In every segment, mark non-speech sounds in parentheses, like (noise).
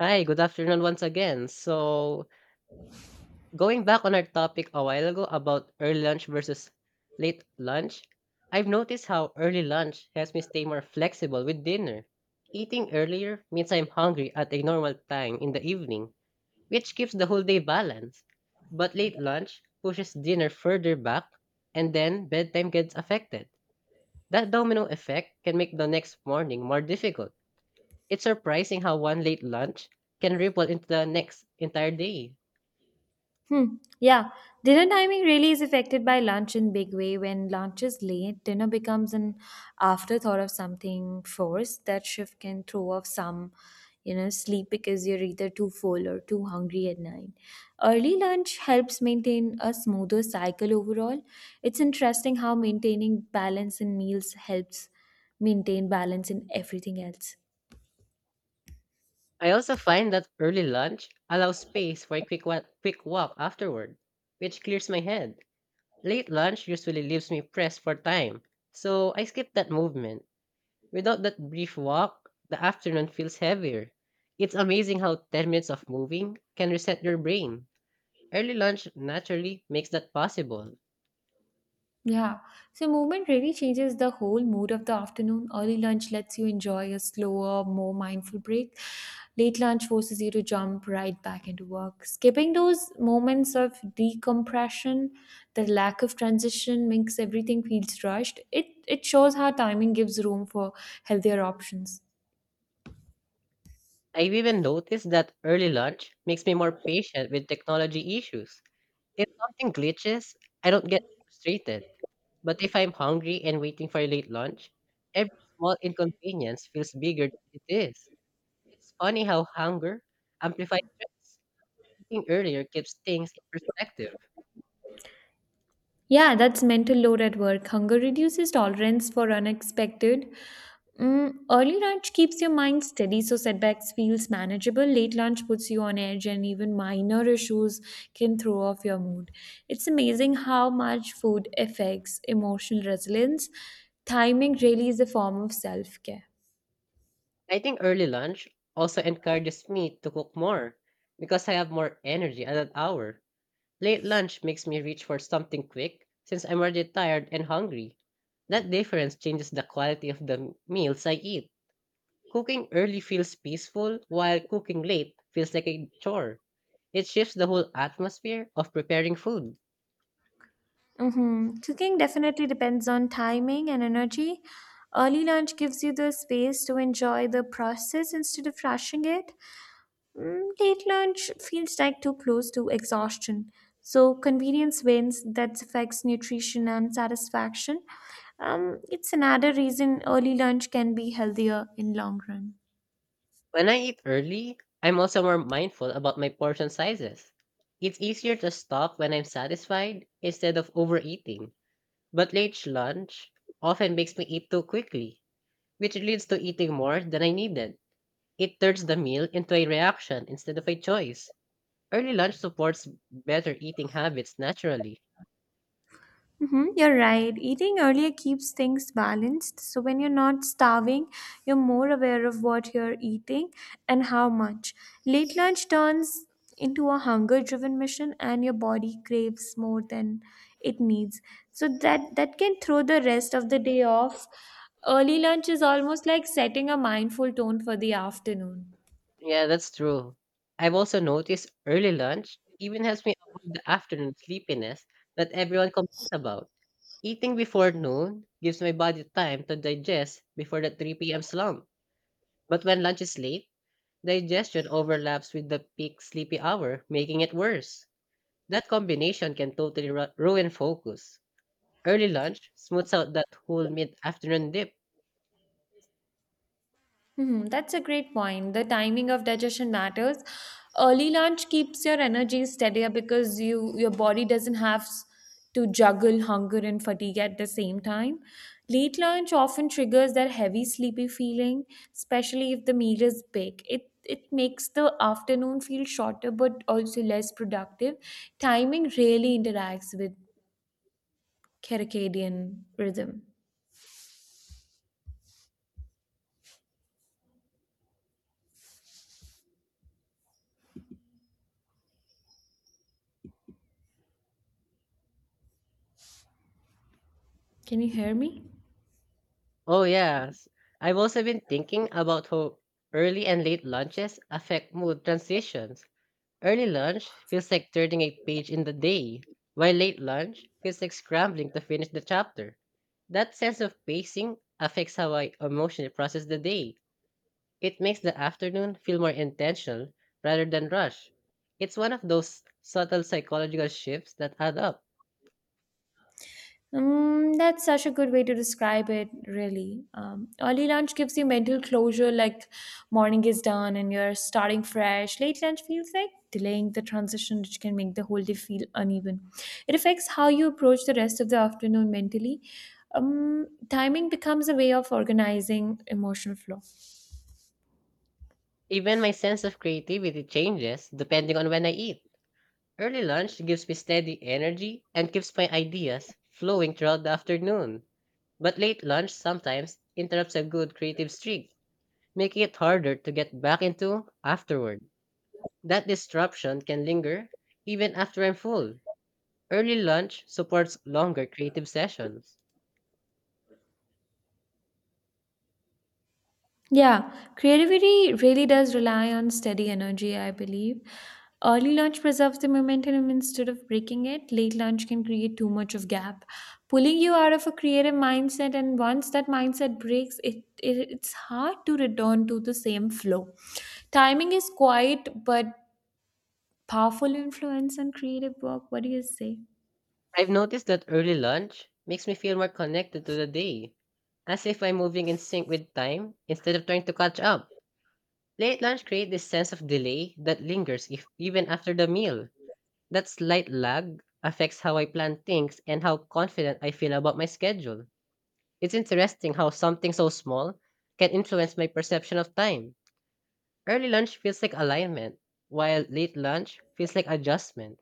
Hi, good afternoon once again. So, going back on our topic a while ago about early lunch versus late lunch, I've noticed how early lunch helps me stay more flexible with dinner. Eating earlier means I'm hungry at a normal time in the evening, which keeps the whole day balanced. But late lunch pushes dinner further back, and then bedtime gets affected. That domino effect can make the next morning more difficult. It's surprising how one late lunch can ripple into the next entire day. Hmm. Yeah. Dinner timing really is affected by lunch in big way. When lunch is late, dinner becomes an afterthought of something forced. That shift can throw off some, sleep because you're either too full or too hungry at night. Early lunch helps maintain a smoother cycle overall. It's interesting how maintaining balance in meals helps maintain balance in everything else. I also find that early lunch allows space for a quick walk afterward, which clears my head. Late lunch usually leaves me pressed for time, so I skip that movement. Without that brief walk, the afternoon feels heavier. It's amazing how 10 minutes of moving can reset your brain. Early lunch naturally makes that possible. Yeah, so movement really changes the whole mood of the afternoon. Early lunch lets you enjoy a slower, more mindful break. Late lunch forces you to jump right back into work. Skipping those moments of decompression, the lack of transition makes everything feels rushed. It shows how timing gives room for healthier options. I've even noticed that early lunch makes me more patient with technology issues. If something glitches, I don't get frustrated. But if I'm hungry and waiting for a late lunch, every small inconvenience feels bigger than it is. It's funny how hunger amplifies stress. Eating earlier keeps things in perspective. Yeah, that's mental load at work. Hunger reduces tolerance for unexpected. Mm, early lunch keeps your mind steady, so setbacks feels manageable. Late lunch puts you on edge, and even minor issues can throw off your mood. It's amazing how much food affects emotional resilience. Timing really is a form of self care. I think early lunch also encourages me to cook more because I have more energy at that hour. Late lunch makes me reach for something quick since I'm already tired and hungry. That difference changes the quality of the meals I eat. Cooking early feels peaceful, while cooking late feels like a chore. It shifts the whole atmosphere of preparing food. Mm-hmm. Cooking definitely depends on timing and energy. Early lunch gives you the space to enjoy the process instead of rushing it. Mm, late lunch feels like too close to exhaustion. So convenience wins that affects nutrition and satisfaction. It's another reason early lunch can be healthier in long run. When I eat early, I'm also more mindful about my portion sizes. It's easier to stop when I'm satisfied instead of overeating. But late lunch often makes me eat too quickly, which leads to eating more than I needed. It turns the meal into a reaction instead of a choice. Early lunch supports better eating habits naturally. Mm-hmm, you're right. Eating earlier keeps things balanced. So when you're not starving, you're more aware of what you're eating and how much. Late lunch turns into a hunger driven mission and your body craves more than it needs. So that can throw the rest of the day off. Early lunch is almost like setting a mindful tone for the afternoon. Yeah, that's true. I've also noticed early lunch even helps me avoid the afternoon sleepiness that everyone complains about. Eating before noon gives my body time to digest before the 3 p.m. slump. But when lunch is late, digestion overlaps with the peak sleepy hour, making it worse. That combination can totally ruin focus. Early lunch smooths out that whole mid afternoon dip. Hmm, that's a great point. The timing of digestion matters. Early lunch keeps your energy steadier because your body doesn't to juggle hunger and fatigue at the same time. Late lunch often triggers that heavy sleepy feeling, especially if the meal is big. It makes the afternoon feel shorter but also less productive. Timing really interacts with circadian rhythm. Can you hear me? Oh, yes. I've also been thinking about how early and late lunches affect mood transitions. Early lunch feels like turning a page in the day, while late lunch feels like scrambling to finish the chapter. That sense of pacing affects how I emotionally process the day. It makes the afternoon feel more intentional rather than rush. It's one of those subtle psychological shifts that add up. That's such a good way to describe it, really. Early lunch gives you mental closure, like morning is done and you're starting fresh. Late lunch feels like delaying the transition, which can make the whole day feel uneven. It affects how you approach the rest of the afternoon mentally. Timing becomes a way of organizing emotional flow. Even my sense of creativity changes depending on when I eat. Early lunch gives me steady energy and keeps my ideas flowing throughout the afternoon. But late lunch sometimes interrupts a good creative streak, making it harder to get back into afterward. That disruption can linger even after I'm full. Early lunch supports longer creative sessions. Yeah, creativity really does rely on steady energy, I believe. Early lunch preserves the momentum instead of breaking it. Late lunch can create too much of gap, pulling you out of a creative mindset. And once that mindset breaks, it's hard to return to the same flow. Timing is quiet but powerful influence on creative work. What do you say? I've noticed that early lunch makes me feel more connected to the day, as if I'm moving in sync with time instead of trying to catch up. Late lunch creates this sense of delay that lingers if, even after the meal. That slight lag affects how I plan things and how confident I feel about my schedule. It's interesting how something so small can influence my perception of time. Early lunch feels like alignment, while late lunch feels like adjustment.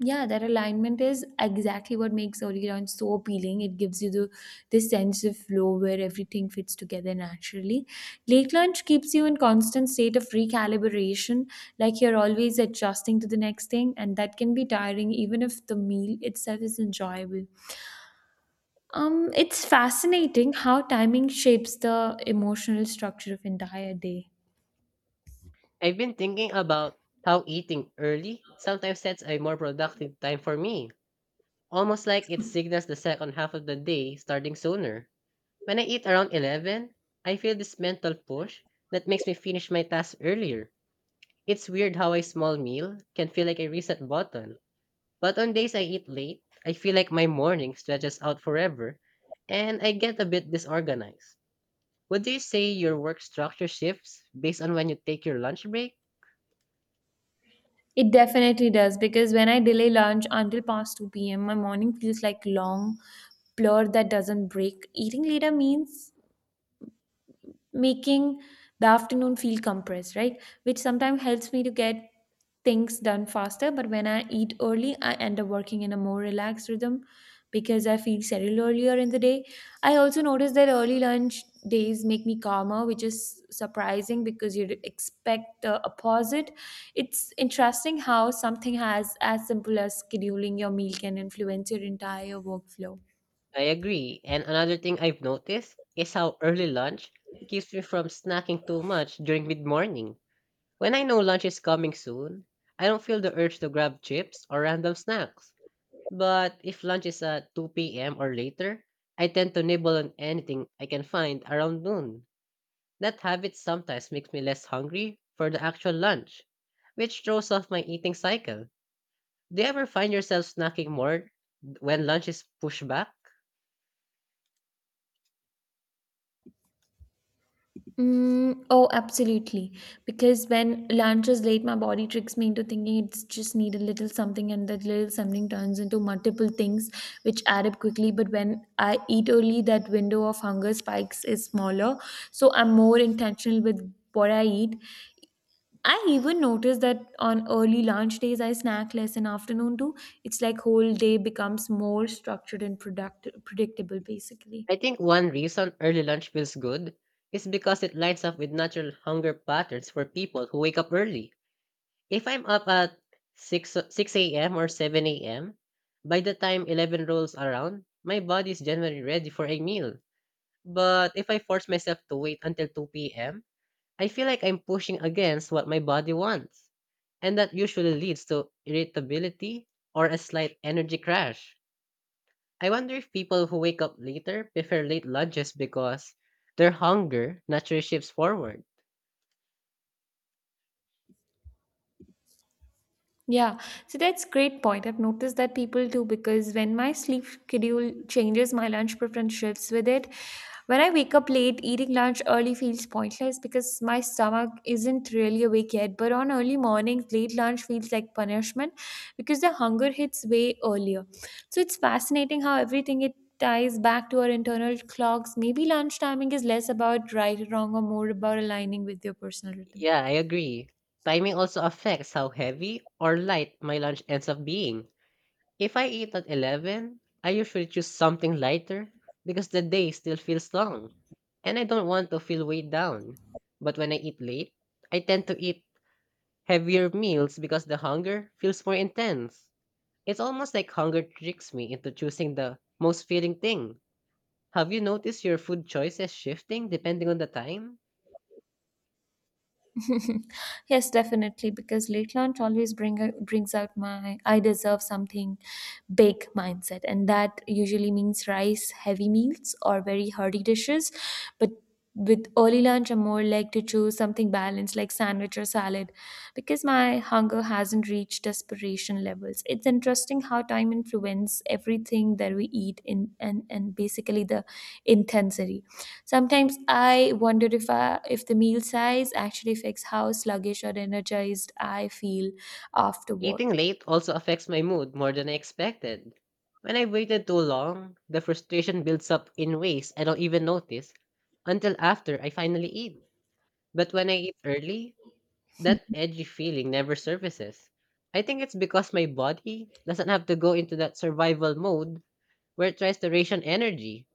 Yeah, that alignment is exactly what makes early round so appealing. It gives you the this sense of flow where everything fits together naturally. Late lunch keeps you in constant state of recalibration, like you're always adjusting to the next thing, and that can be tiring even if the meal itself is enjoyable. It's fascinating how timing shapes the emotional structure of entire day. I've been thinking about how eating early sometimes sets a more productive time for me, almost like it signals the second half of the day starting sooner. When I eat around 11, I feel this mental push that makes me finish my tasks earlier. It's weird how a small meal can feel like a reset button. But on days I eat late, I feel like my morning stretches out forever and I get a bit disorganized. Would you say your work structure shifts based on when you take your lunch break? It definitely does because when I delay lunch until past 2 p.m., my morning feels like long blur that doesn't break. Eating later means making the afternoon feel compressed, right? Which sometimes helps me to get things done faster. But when I eat early, I end up working in a more relaxed rhythm because I feel settled earlier in the day. I also notice that early lunch days make me calmer, which is surprising because you'd expect the opposite. It's interesting how something has as simple as scheduling your meal can influence your entire workflow. I agree. And another thing I've noticed is how early lunch keeps me from snacking too much during mid morning. When I know lunch is coming soon, I don't feel the urge to grab chips or random snacks. But if lunch is at 2 p.m. or later, I tend to nibble on anything I can find around noon. That habit sometimes makes me less hungry for the actual lunch, which throws off my eating cycle. Do you ever find yourself snacking more when lunch is pushed back? Mm, oh, absolutely. Because when lunch is late, my body tricks me into thinking it's just need a little something, and that little something turns into multiple things which add up quickly. But when I eat early, that window of hunger spikes is smaller, so I'm more intentional with what I eat. I even notice that on early lunch days, I snack less, and afternoon too. It's like whole day becomes more structured and product predictable, basically. I think one reason early lunch feels good is because it lines up with natural hunger patterns for people who wake up early. If I'm up at 6 a.m. or 7 a.m., by the time 11 rolls around, my body's generally ready for a meal. But if I force myself to wait until 2 p.m., I feel like I'm pushing against what my body wants. And that usually leads to irritability or a slight energy crash. I wonder if people who wake up later prefer late lunches because their hunger naturally shifts forward. Yeah, so that's great point. I've noticed that people do because when my sleep schedule changes, my lunch preference shifts with it. When I wake up late, eating lunch early feels pointless because my stomach isn't really awake yet. But on early mornings, late lunch feels like punishment because the hunger hits way earlier. So it's fascinating how everything it ties back to our internal clocks. Maybe lunch timing is less about right or wrong or more about aligning with your personal rhythm. Yeah, I agree. Timing also affects how heavy or light my lunch ends up being. If I eat at 11, I usually choose something lighter because the day still feels long and I don't want to feel weighed down. But when I eat late, I tend to eat heavier meals because the hunger feels more intense. It's almost like hunger tricks me into choosing the most feeling thing. Have you noticed your food choices shifting depending on the time? (laughs) Yes, definitely, because late lunch always brings out my I deserve something big mindset, and that usually means rice, heavy meals, or very hearty dishes. But with early lunch, I'm more like to choose something balanced, like sandwich or salad, because my hunger hasn't reached desperation levels. It's interesting how time influences everything that we eat in and basically the intensity. Sometimes I wonder if the meal size actually affects how sluggish or energized I feel Eating afterward. late also affects my mood more than I expected. When I've waited too long, the frustration builds up in ways I don't even notice until after I finally eat. But when I eat early, that edgy feeling never surfaces. I think it's because my body doesn't have to go into that survival mode where it tries to ration energy.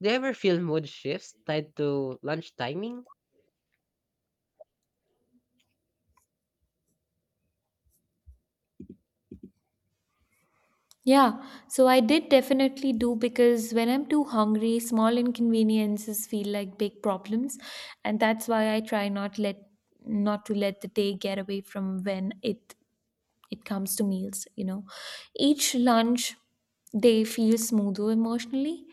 Do you ever feel mood shifts tied to lunch timing? Yeah, so I did definitely do because when I'm too hungry, small inconveniences feel like big problems, and that's why I try not let not to let the day get away from when it comes to meals, each lunch they feel smoother emotionally,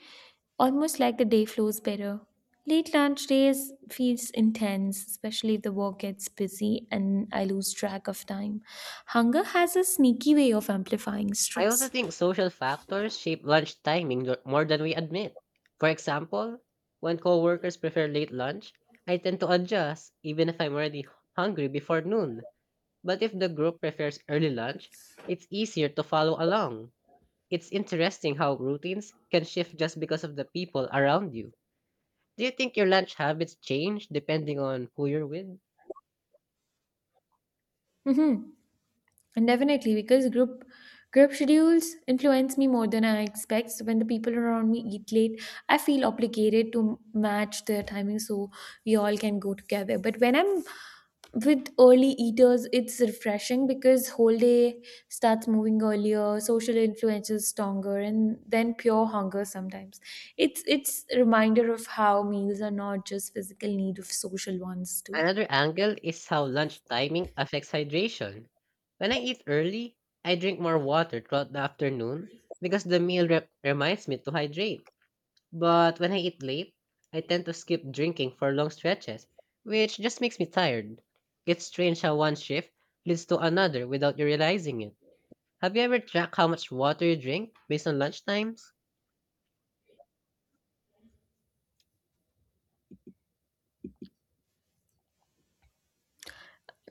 almost like the day flows better. Late lunch days feels intense, especially if the work gets busy and I lose track of time. Hunger has a sneaky way of amplifying I also stress. think social factors shape lunch timing more than we admit. For example, when coworkers prefer late lunch, I tend to adjust even if I'm already hungry before noon. But if the group prefers early lunch, it's easier to follow along. It's interesting how routines can shift just because of the people around you. Do you think your lunch habits change depending on who you're with? Mm-hmm. And definitely because group schedules influence me more than I expect. So when the people around me eat late, I feel obligated to match their timing so we all can go together. But when I'm with early eaters, it's refreshing because whole day starts moving earlier. Social influence is stronger and then pure hunger sometimes, it's a reminder of how meals are not just physical need of social ones too. Another angle is how lunch timing affects hydration. When I eat early, I drink more water throughout the afternoon because the meal reminds me to hydrate. But when I eat late, I tend to skip drinking for long stretches, which just makes me tired. It's strange how one shift leads to another without you realizing it. Have you ever tracked how much water you drink based on lunch times?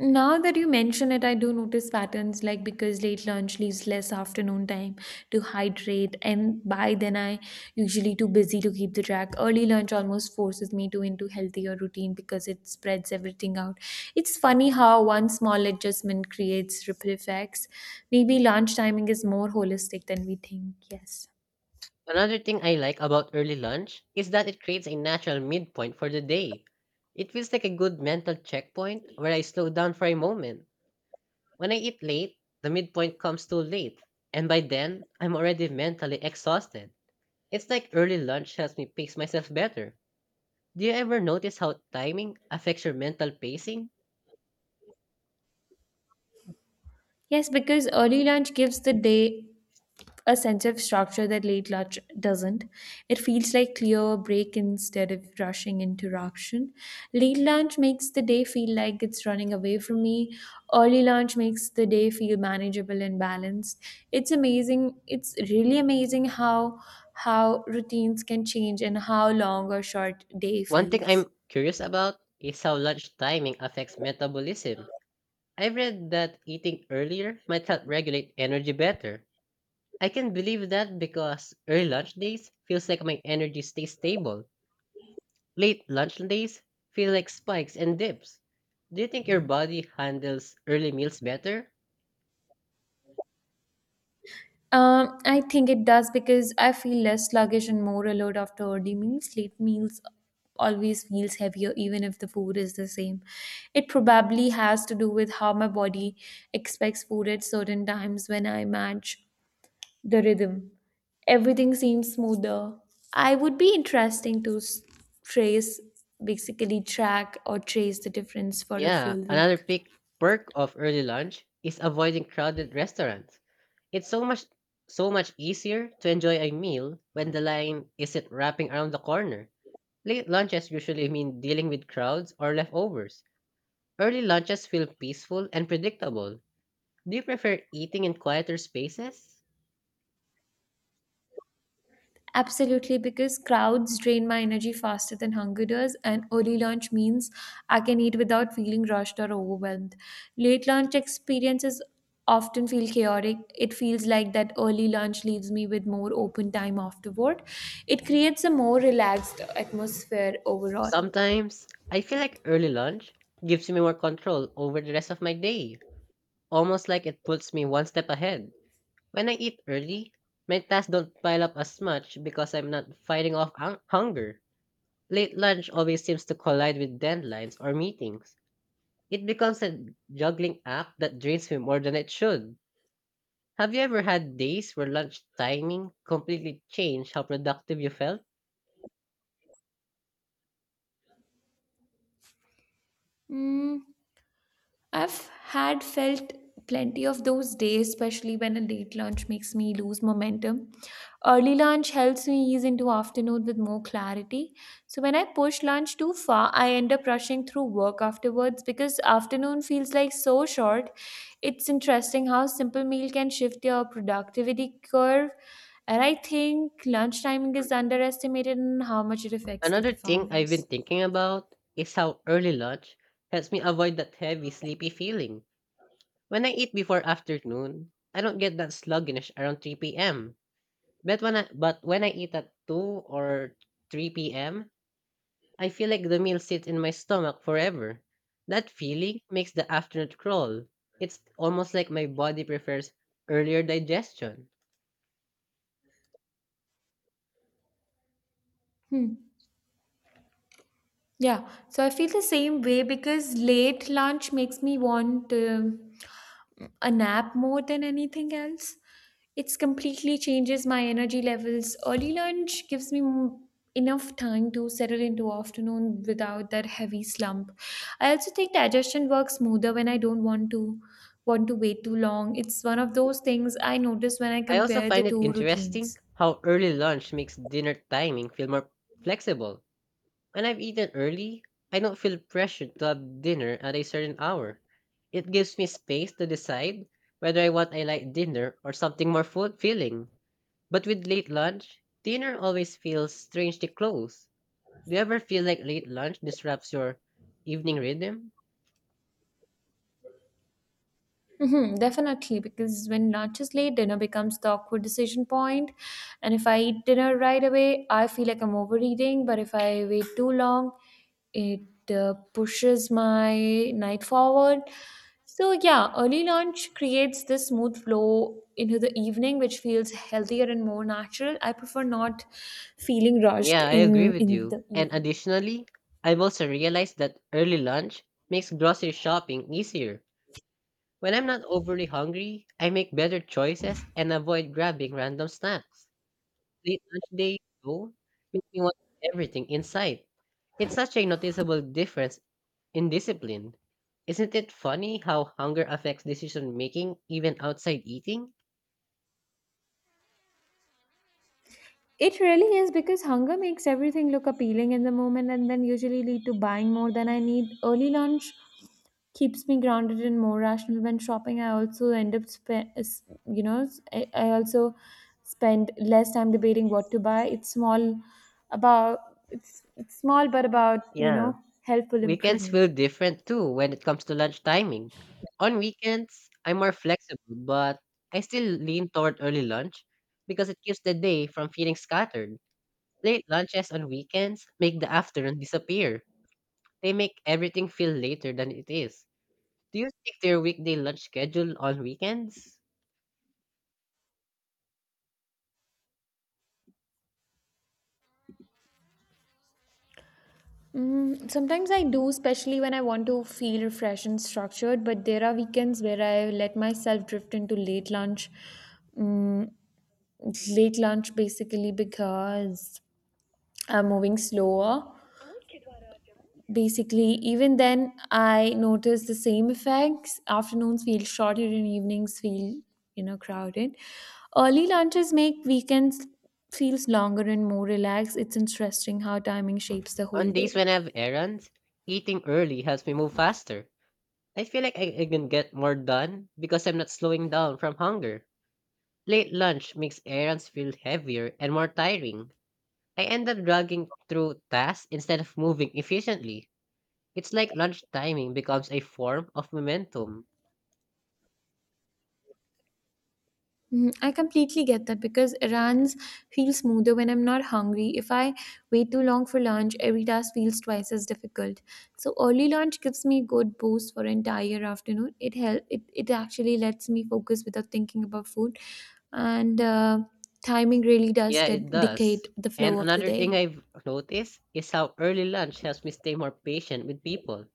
Now that you mention it, I do notice patterns like because late lunch leaves less afternoon time to hydrate, and by then I usually too busy to keep the track. Early lunch almost forces me to into healthier routine because it spreads everything out. It's funny how one small adjustment creates ripple effects. Maybe lunch timing is more holistic than we think. Yes. Another thing I like about early lunch is that it creates a natural midpoint for the day. It feels like a good mental checkpoint where I slow down for a moment. When I eat late, the midpoint comes too late, and by then, I'm already mentally exhausted. It's like early lunch helps me pace myself better. Do you ever notice how timing affects your mental pacing? Yes, because early lunch gives the day a sense of structure that late lunch doesn't. It feels like clear break instead of rushing interruption. Late lunch makes the day feel like it's running away from me. Early lunch makes the day feel manageable and balanced. It's amazing. It's really amazing how routines can change and how long or short day One thing feels. I'm curious about is how lunch timing affects metabolism. I've read that eating earlier might help regulate energy better. I can believe that because early lunch days feels like my energy stays stable. Late lunch days feel like spikes and dips. Do you think your body handles early meals better? I think it does because I feel less sluggish and more alert after early meals. Late meals always feels heavier even if the food is the same. It probably has to do with how my body expects food at certain times when I match the rhythm. Everything seems smoother. I would be interesting trace, basically track or trace the difference for a Yeah, full another week. pick perk of early lunch is avoiding crowded restaurants. It's so much easier to enjoy a meal when the line isn't wrapping around the corner. Late lunches usually mean dealing with crowds or leftovers. Early lunches feel peaceful and predictable. Do you prefer eating in quieter spaces? Absolutely, because crowds drain my energy faster than hunger does, and early lunch means I can eat without feeling rushed or overwhelmed. Late lunch experiences often feel chaotic. It feels like that early lunch leaves me with more open time afterward. It creates a more relaxed atmosphere overall. Sometimes I feel like early lunch gives me more control over the rest of my day, almost like it puts me one step ahead. When I eat early, my tasks don't pile up as much because I'm not fighting off hunger. Late lunch always seems to collide with deadlines or meetings. It becomes a juggling act that drains me more than it should. Have you ever had days where lunch timing completely changed how productive you felt? Mm, I've had felt plenty of those days, especially when a late lunch makes me lose momentum. Early lunch helps me ease into afternoon with more clarity. So when I push lunch too far, I end up rushing through work afterwards because afternoon feels like so short. It's interesting how simple meal can shift your productivity curve. And I think lunch timing is underestimated in how much it affects the Another thing I've been performance. thinking about is how early lunch helps me avoid that heavy, sleepy feeling. When I eat before afternoon, I don't get that sluggish around 3 p.m. But when I eat at 2 or 3 p.m., I feel like the meal sits in my stomach forever. That feeling makes the afternoon crawl. It's almost like my body prefers earlier digestion. Hmm. Yeah, so I feel the same way because late lunch makes me want a nap more than anything else. It's completely changes my energy levels. Early lunch gives me enough time to settle into afternoon without that heavy slump. I also think digestion works smoother when I don't want to wait too long. It's one of those things I notice when I I also compare the find it two interesting routines. how early lunch makes dinner timing feel more flexible. When I've eaten early, I don't feel pressured to have dinner at a certain hour. It gives me space to decide whether I want a light dinner or something more fulfilling. But with late lunch, dinner always feels strangely close. Do you ever feel like late lunch disrupts your evening rhythm? Hmm, definitely, because when lunch is late, dinner becomes the awkward decision point. And if I eat dinner right away, I feel like I'm overeating. But if I wait too long, it pushes my night forward. So, yeah, early lunch creates this smooth flow into the evening, which feels healthier and more natural. I prefer not feeling rushed Yeah, I agree with in you. the And evening. additionally, I've also realized that early lunch makes grocery shopping easier. When I'm not overly hungry, I make better choices and avoid grabbing random snacks. Late lunch day, though, make me want everything in sight. It's such a noticeable difference in discipline. Isn't it funny how hunger affects decision making even outside eating? It really is because hunger makes everything look appealing in the moment and then usually lead to buying more than I need. Early lunch keeps me grounded and more rational when shopping. I also end up, I also spend less time debating what to buy. It's small about it's small but about you Yeah. know helpful Weekends feel improvement. different too when it comes to lunch timing. On weekends, I'm more flexible, but I still lean toward early lunch because it keeps the day from feeling scattered. Late lunches on weekends make the afternoon disappear. They make everything feel later than it is. Do you stick to your weekday lunch schedule on weekends? Sometimes I do, especially when I want to feel refreshed and structured, but there are weekends where I let myself drift into late lunch. Mm, Late lunch basically because I'm moving slower. Basically, even then, I notice the same effects. Afternoons feel shorter and evenings feel, crowded. Early lunches make weekends feels longer and more relaxed. It's interesting how timing shapes the On whole days day. when I have errands, eating early helps me move faster. I feel like I can get more done because I'm not slowing down from hunger. Late lunch makes errands feel heavier and more tiring. I end up dragging through tasks instead of moving efficiently. It's like lunch timing becomes a form of momentum. Mhm, I completely get that because runs feel smoother when I'm not hungry. If I wait too long for lunch, every task feels twice as difficult. So early lunch gives me good boost for entire afternoon. It actually lets me focus without thinking about food, and timing really does Yeah, it does. dictate the And flow of the another day. thing I've noticed is how early lunch helps me stay more patient with people.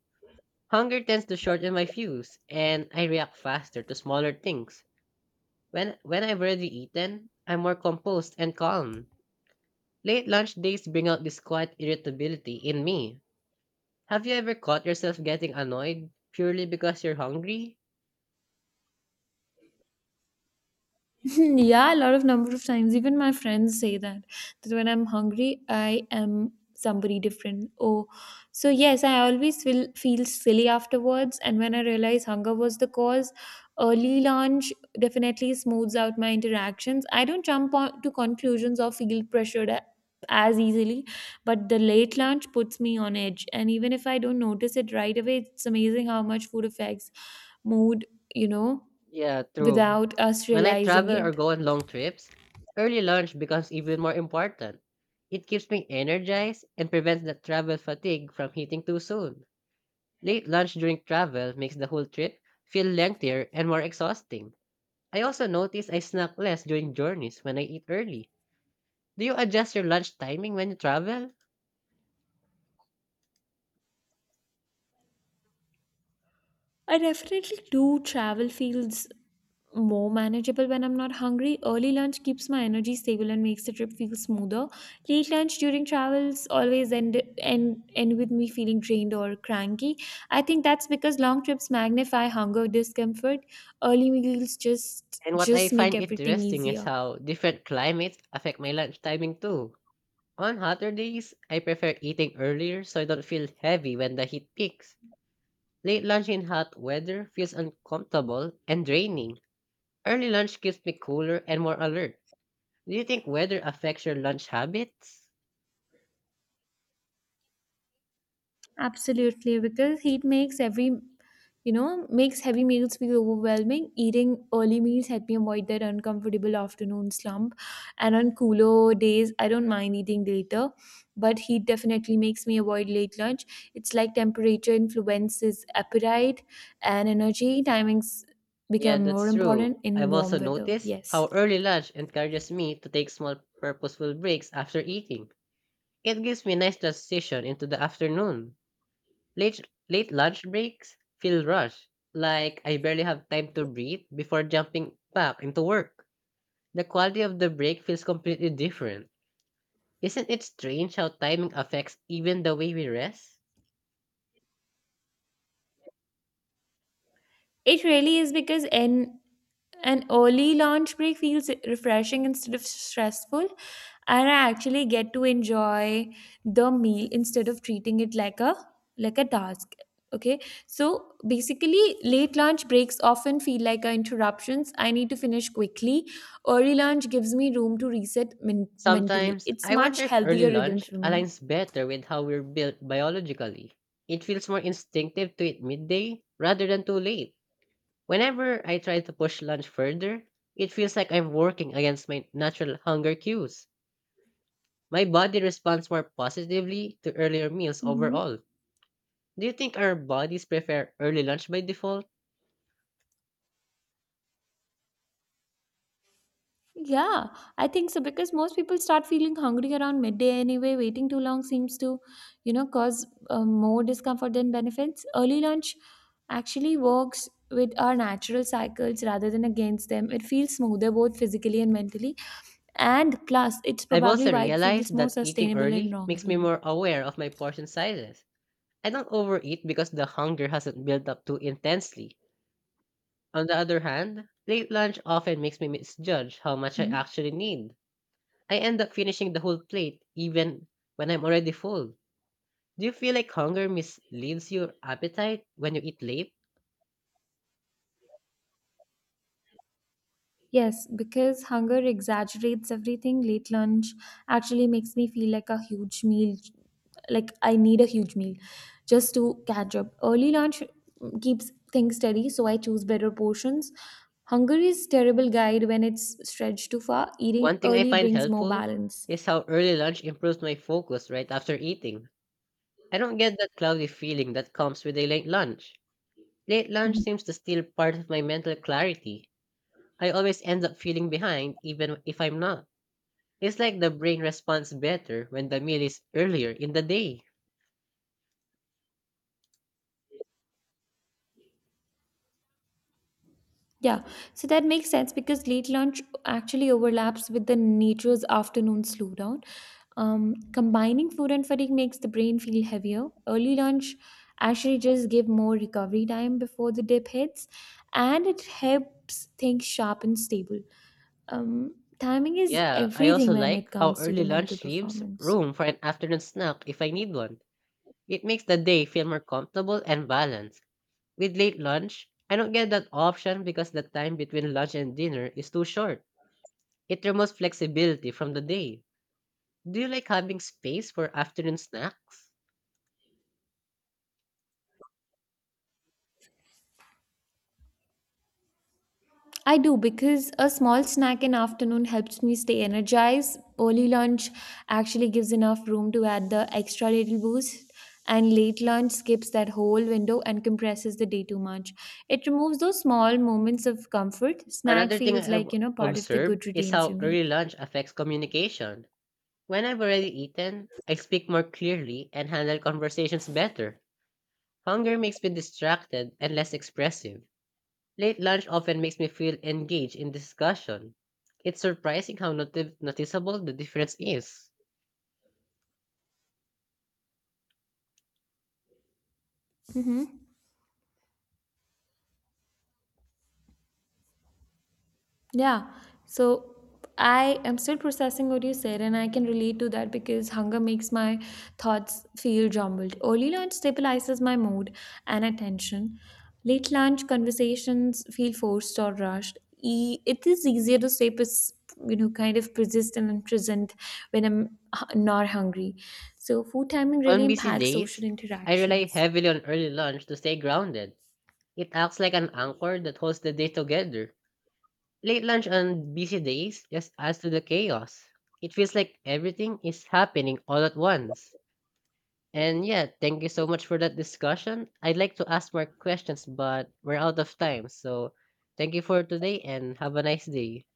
Hunger tends to shorten my fuse, and I react faster to smaller things. When I've already eaten, I'm more composed and calm. Late lunch days bring out this quiet irritability in me. Have you ever caught yourself getting annoyed purely because you're hungry? (laughs) Yeah, a lot of number of times. Even my friends say that when I'm hungry, I am somebody different. Oh, so yes, I always will feel silly afterwards. And when I realize hunger was the cause, early lunch definitely smooths out my interactions. I don't jump on to conclusions or feel as easily, but the late lunch puts me on edge. And even if I don't notice it right away, it's amazing how much food affects mood. You know, Yeah, true. Without us When I realizing travel or it. go on long trips, early lunch becomes even more important. It keeps me energized and prevents the travel fatigue from hitting too soon. Late lunch during travel makes the whole trip feel lengthier and more exhausting. I also notice I snack less during journeys when I eat early. Do you adjust your lunch timing when you travel? I definitely do. Travel feels more manageable when I'm not hungry. Early lunch keeps my energy stable and makes the trip feel smoother. Late lunch during travels always end with me feeling drained or cranky. I think that's because long trips magnify hunger discomfort. Early meals just And what I just make find everything interesting is easier. how different climates affect my lunch timing too. On hotter days, I prefer eating earlier so I don't feel heavy when the heat peaks. Late lunch in hot weather feels uncomfortable and draining. Early lunch keeps me cooler and more alert. Do you think weather affects your lunch habits? Absolutely, because heat makes makes heavy meals feel overwhelming. Eating early meals help me avoid that uncomfortable afternoon slump. And on cooler days, I don't mind eating later, but heat definitely makes me avoid late lunch. It's like temperature influences appetite and energy. Timings Yeah, become more that's true. important in I've warm also weather. noticed Yes. how early lunch encourages me to take small purposeful breaks after eating. It gives me a nice transition into the afternoon. Late lunch breaks feel rushed, like I barely have time to breathe before jumping back into work. The quality of the break feels completely different. Isn't it strange how timing affects even the way we rest? It really is because in An early lunch break feels refreshing instead of stressful, and I actually get to enjoy the meal instead of treating it like a task. Okay, so basically, late lunch breaks often feel like a interruptions. I need to finish quickly. Early lunch gives me room to reset mentally. Sometimes It's I much wonder if early healthier rhythm lunch for me. aligns better with how we're built biologically. It feels more instinctive to eat midday rather than too late. Whenever I try to push lunch further, it feels like I'm working against my natural hunger cues. My body responds more positively to earlier meals Mm-hmm. overall. Do you think our bodies prefer early lunch by default? Yeah, I think so because most people start feeling hungry around midday anyway. Waiting too long seems to, cause more discomfort than benefits. Early lunch actually works with our natural cycles rather than against them. It feels smoother both physically and mentally. And plus, it's I've probably also why it feels realized more that eating sustainable in early long makes me run. more aware of my portion sizes. I don't overeat because the hunger hasn't built up too intensely. On the other hand, late lunch often makes me misjudge how much I Hmm? actually need. I end up finishing the whole plate even when I'm already full. Do you feel like hunger misleads your appetite when you eat late? Yes, because hunger exaggerates everything. Late lunch actually makes me feel like a huge meal, like I need a huge meal just to catch up. Early lunch keeps things steady, so I choose better portions. Hunger is terrible guide when it's stretched too far. Eating One thing I early find brings more helpful balance. is how early lunch improves my focus right after eating. I don't get that cloudy feeling that comes with a late lunch. Late lunch Mm-hmm. seems to steal part of my mental clarity. I always end up feeling behind even if I'm not. It's like the brain responds better when the meal is earlier in the day. Yeah, so that makes sense because late lunch actually overlaps with the nature's afternoon slowdown. Combining food and fatigue makes the brain feel heavier. Early lunch actually just give more recovery time before the dip hits, and it helps things sharp and stable. Timing is Yeah, I also everything when like it how comes to the early mental lunch leaves performance. room for an afternoon snack if I need one. It makes the day feel more comfortable and balanced. With late lunch, I don't get that option because the time between lunch and dinner is too short. It removes flexibility from the day. Do you like having space for afternoon snacks? I do because a small snack in afternoon helps me stay energized. Early lunch actually gives enough room to add the extra little boost, and late lunch skips that whole window and compresses the day too much. It removes those small moments of comfort. Snack Another thing feels I've like, part of the observed good is routine for how me. early lunch affects communication. When I've already eaten, I speak more clearly and handle conversations better. Hunger makes me distracted and less expressive. Late lunch often makes me feel engaged in discussion. It's surprising how noticeable the difference is. Mhm. Yeah. So I am still processing what you said, and I can relate to that because hunger makes my thoughts feel jumbled. Early lunch stabilizes my mood and attention. Late lunch conversations feel forced or rushed. It is easier to stay, kind of persistent and present when I'm not hungry. So food timing On really busy impacts social days, I rely interactions. heavily on early lunch to stay grounded. It acts like an anchor that holds the day together. Late lunch on busy days just adds to the chaos. It feels like everything is happening all at once. And yeah, thank you so much for that discussion. I'd like to ask more questions, but we're out of time. So thank you for today and have a nice day.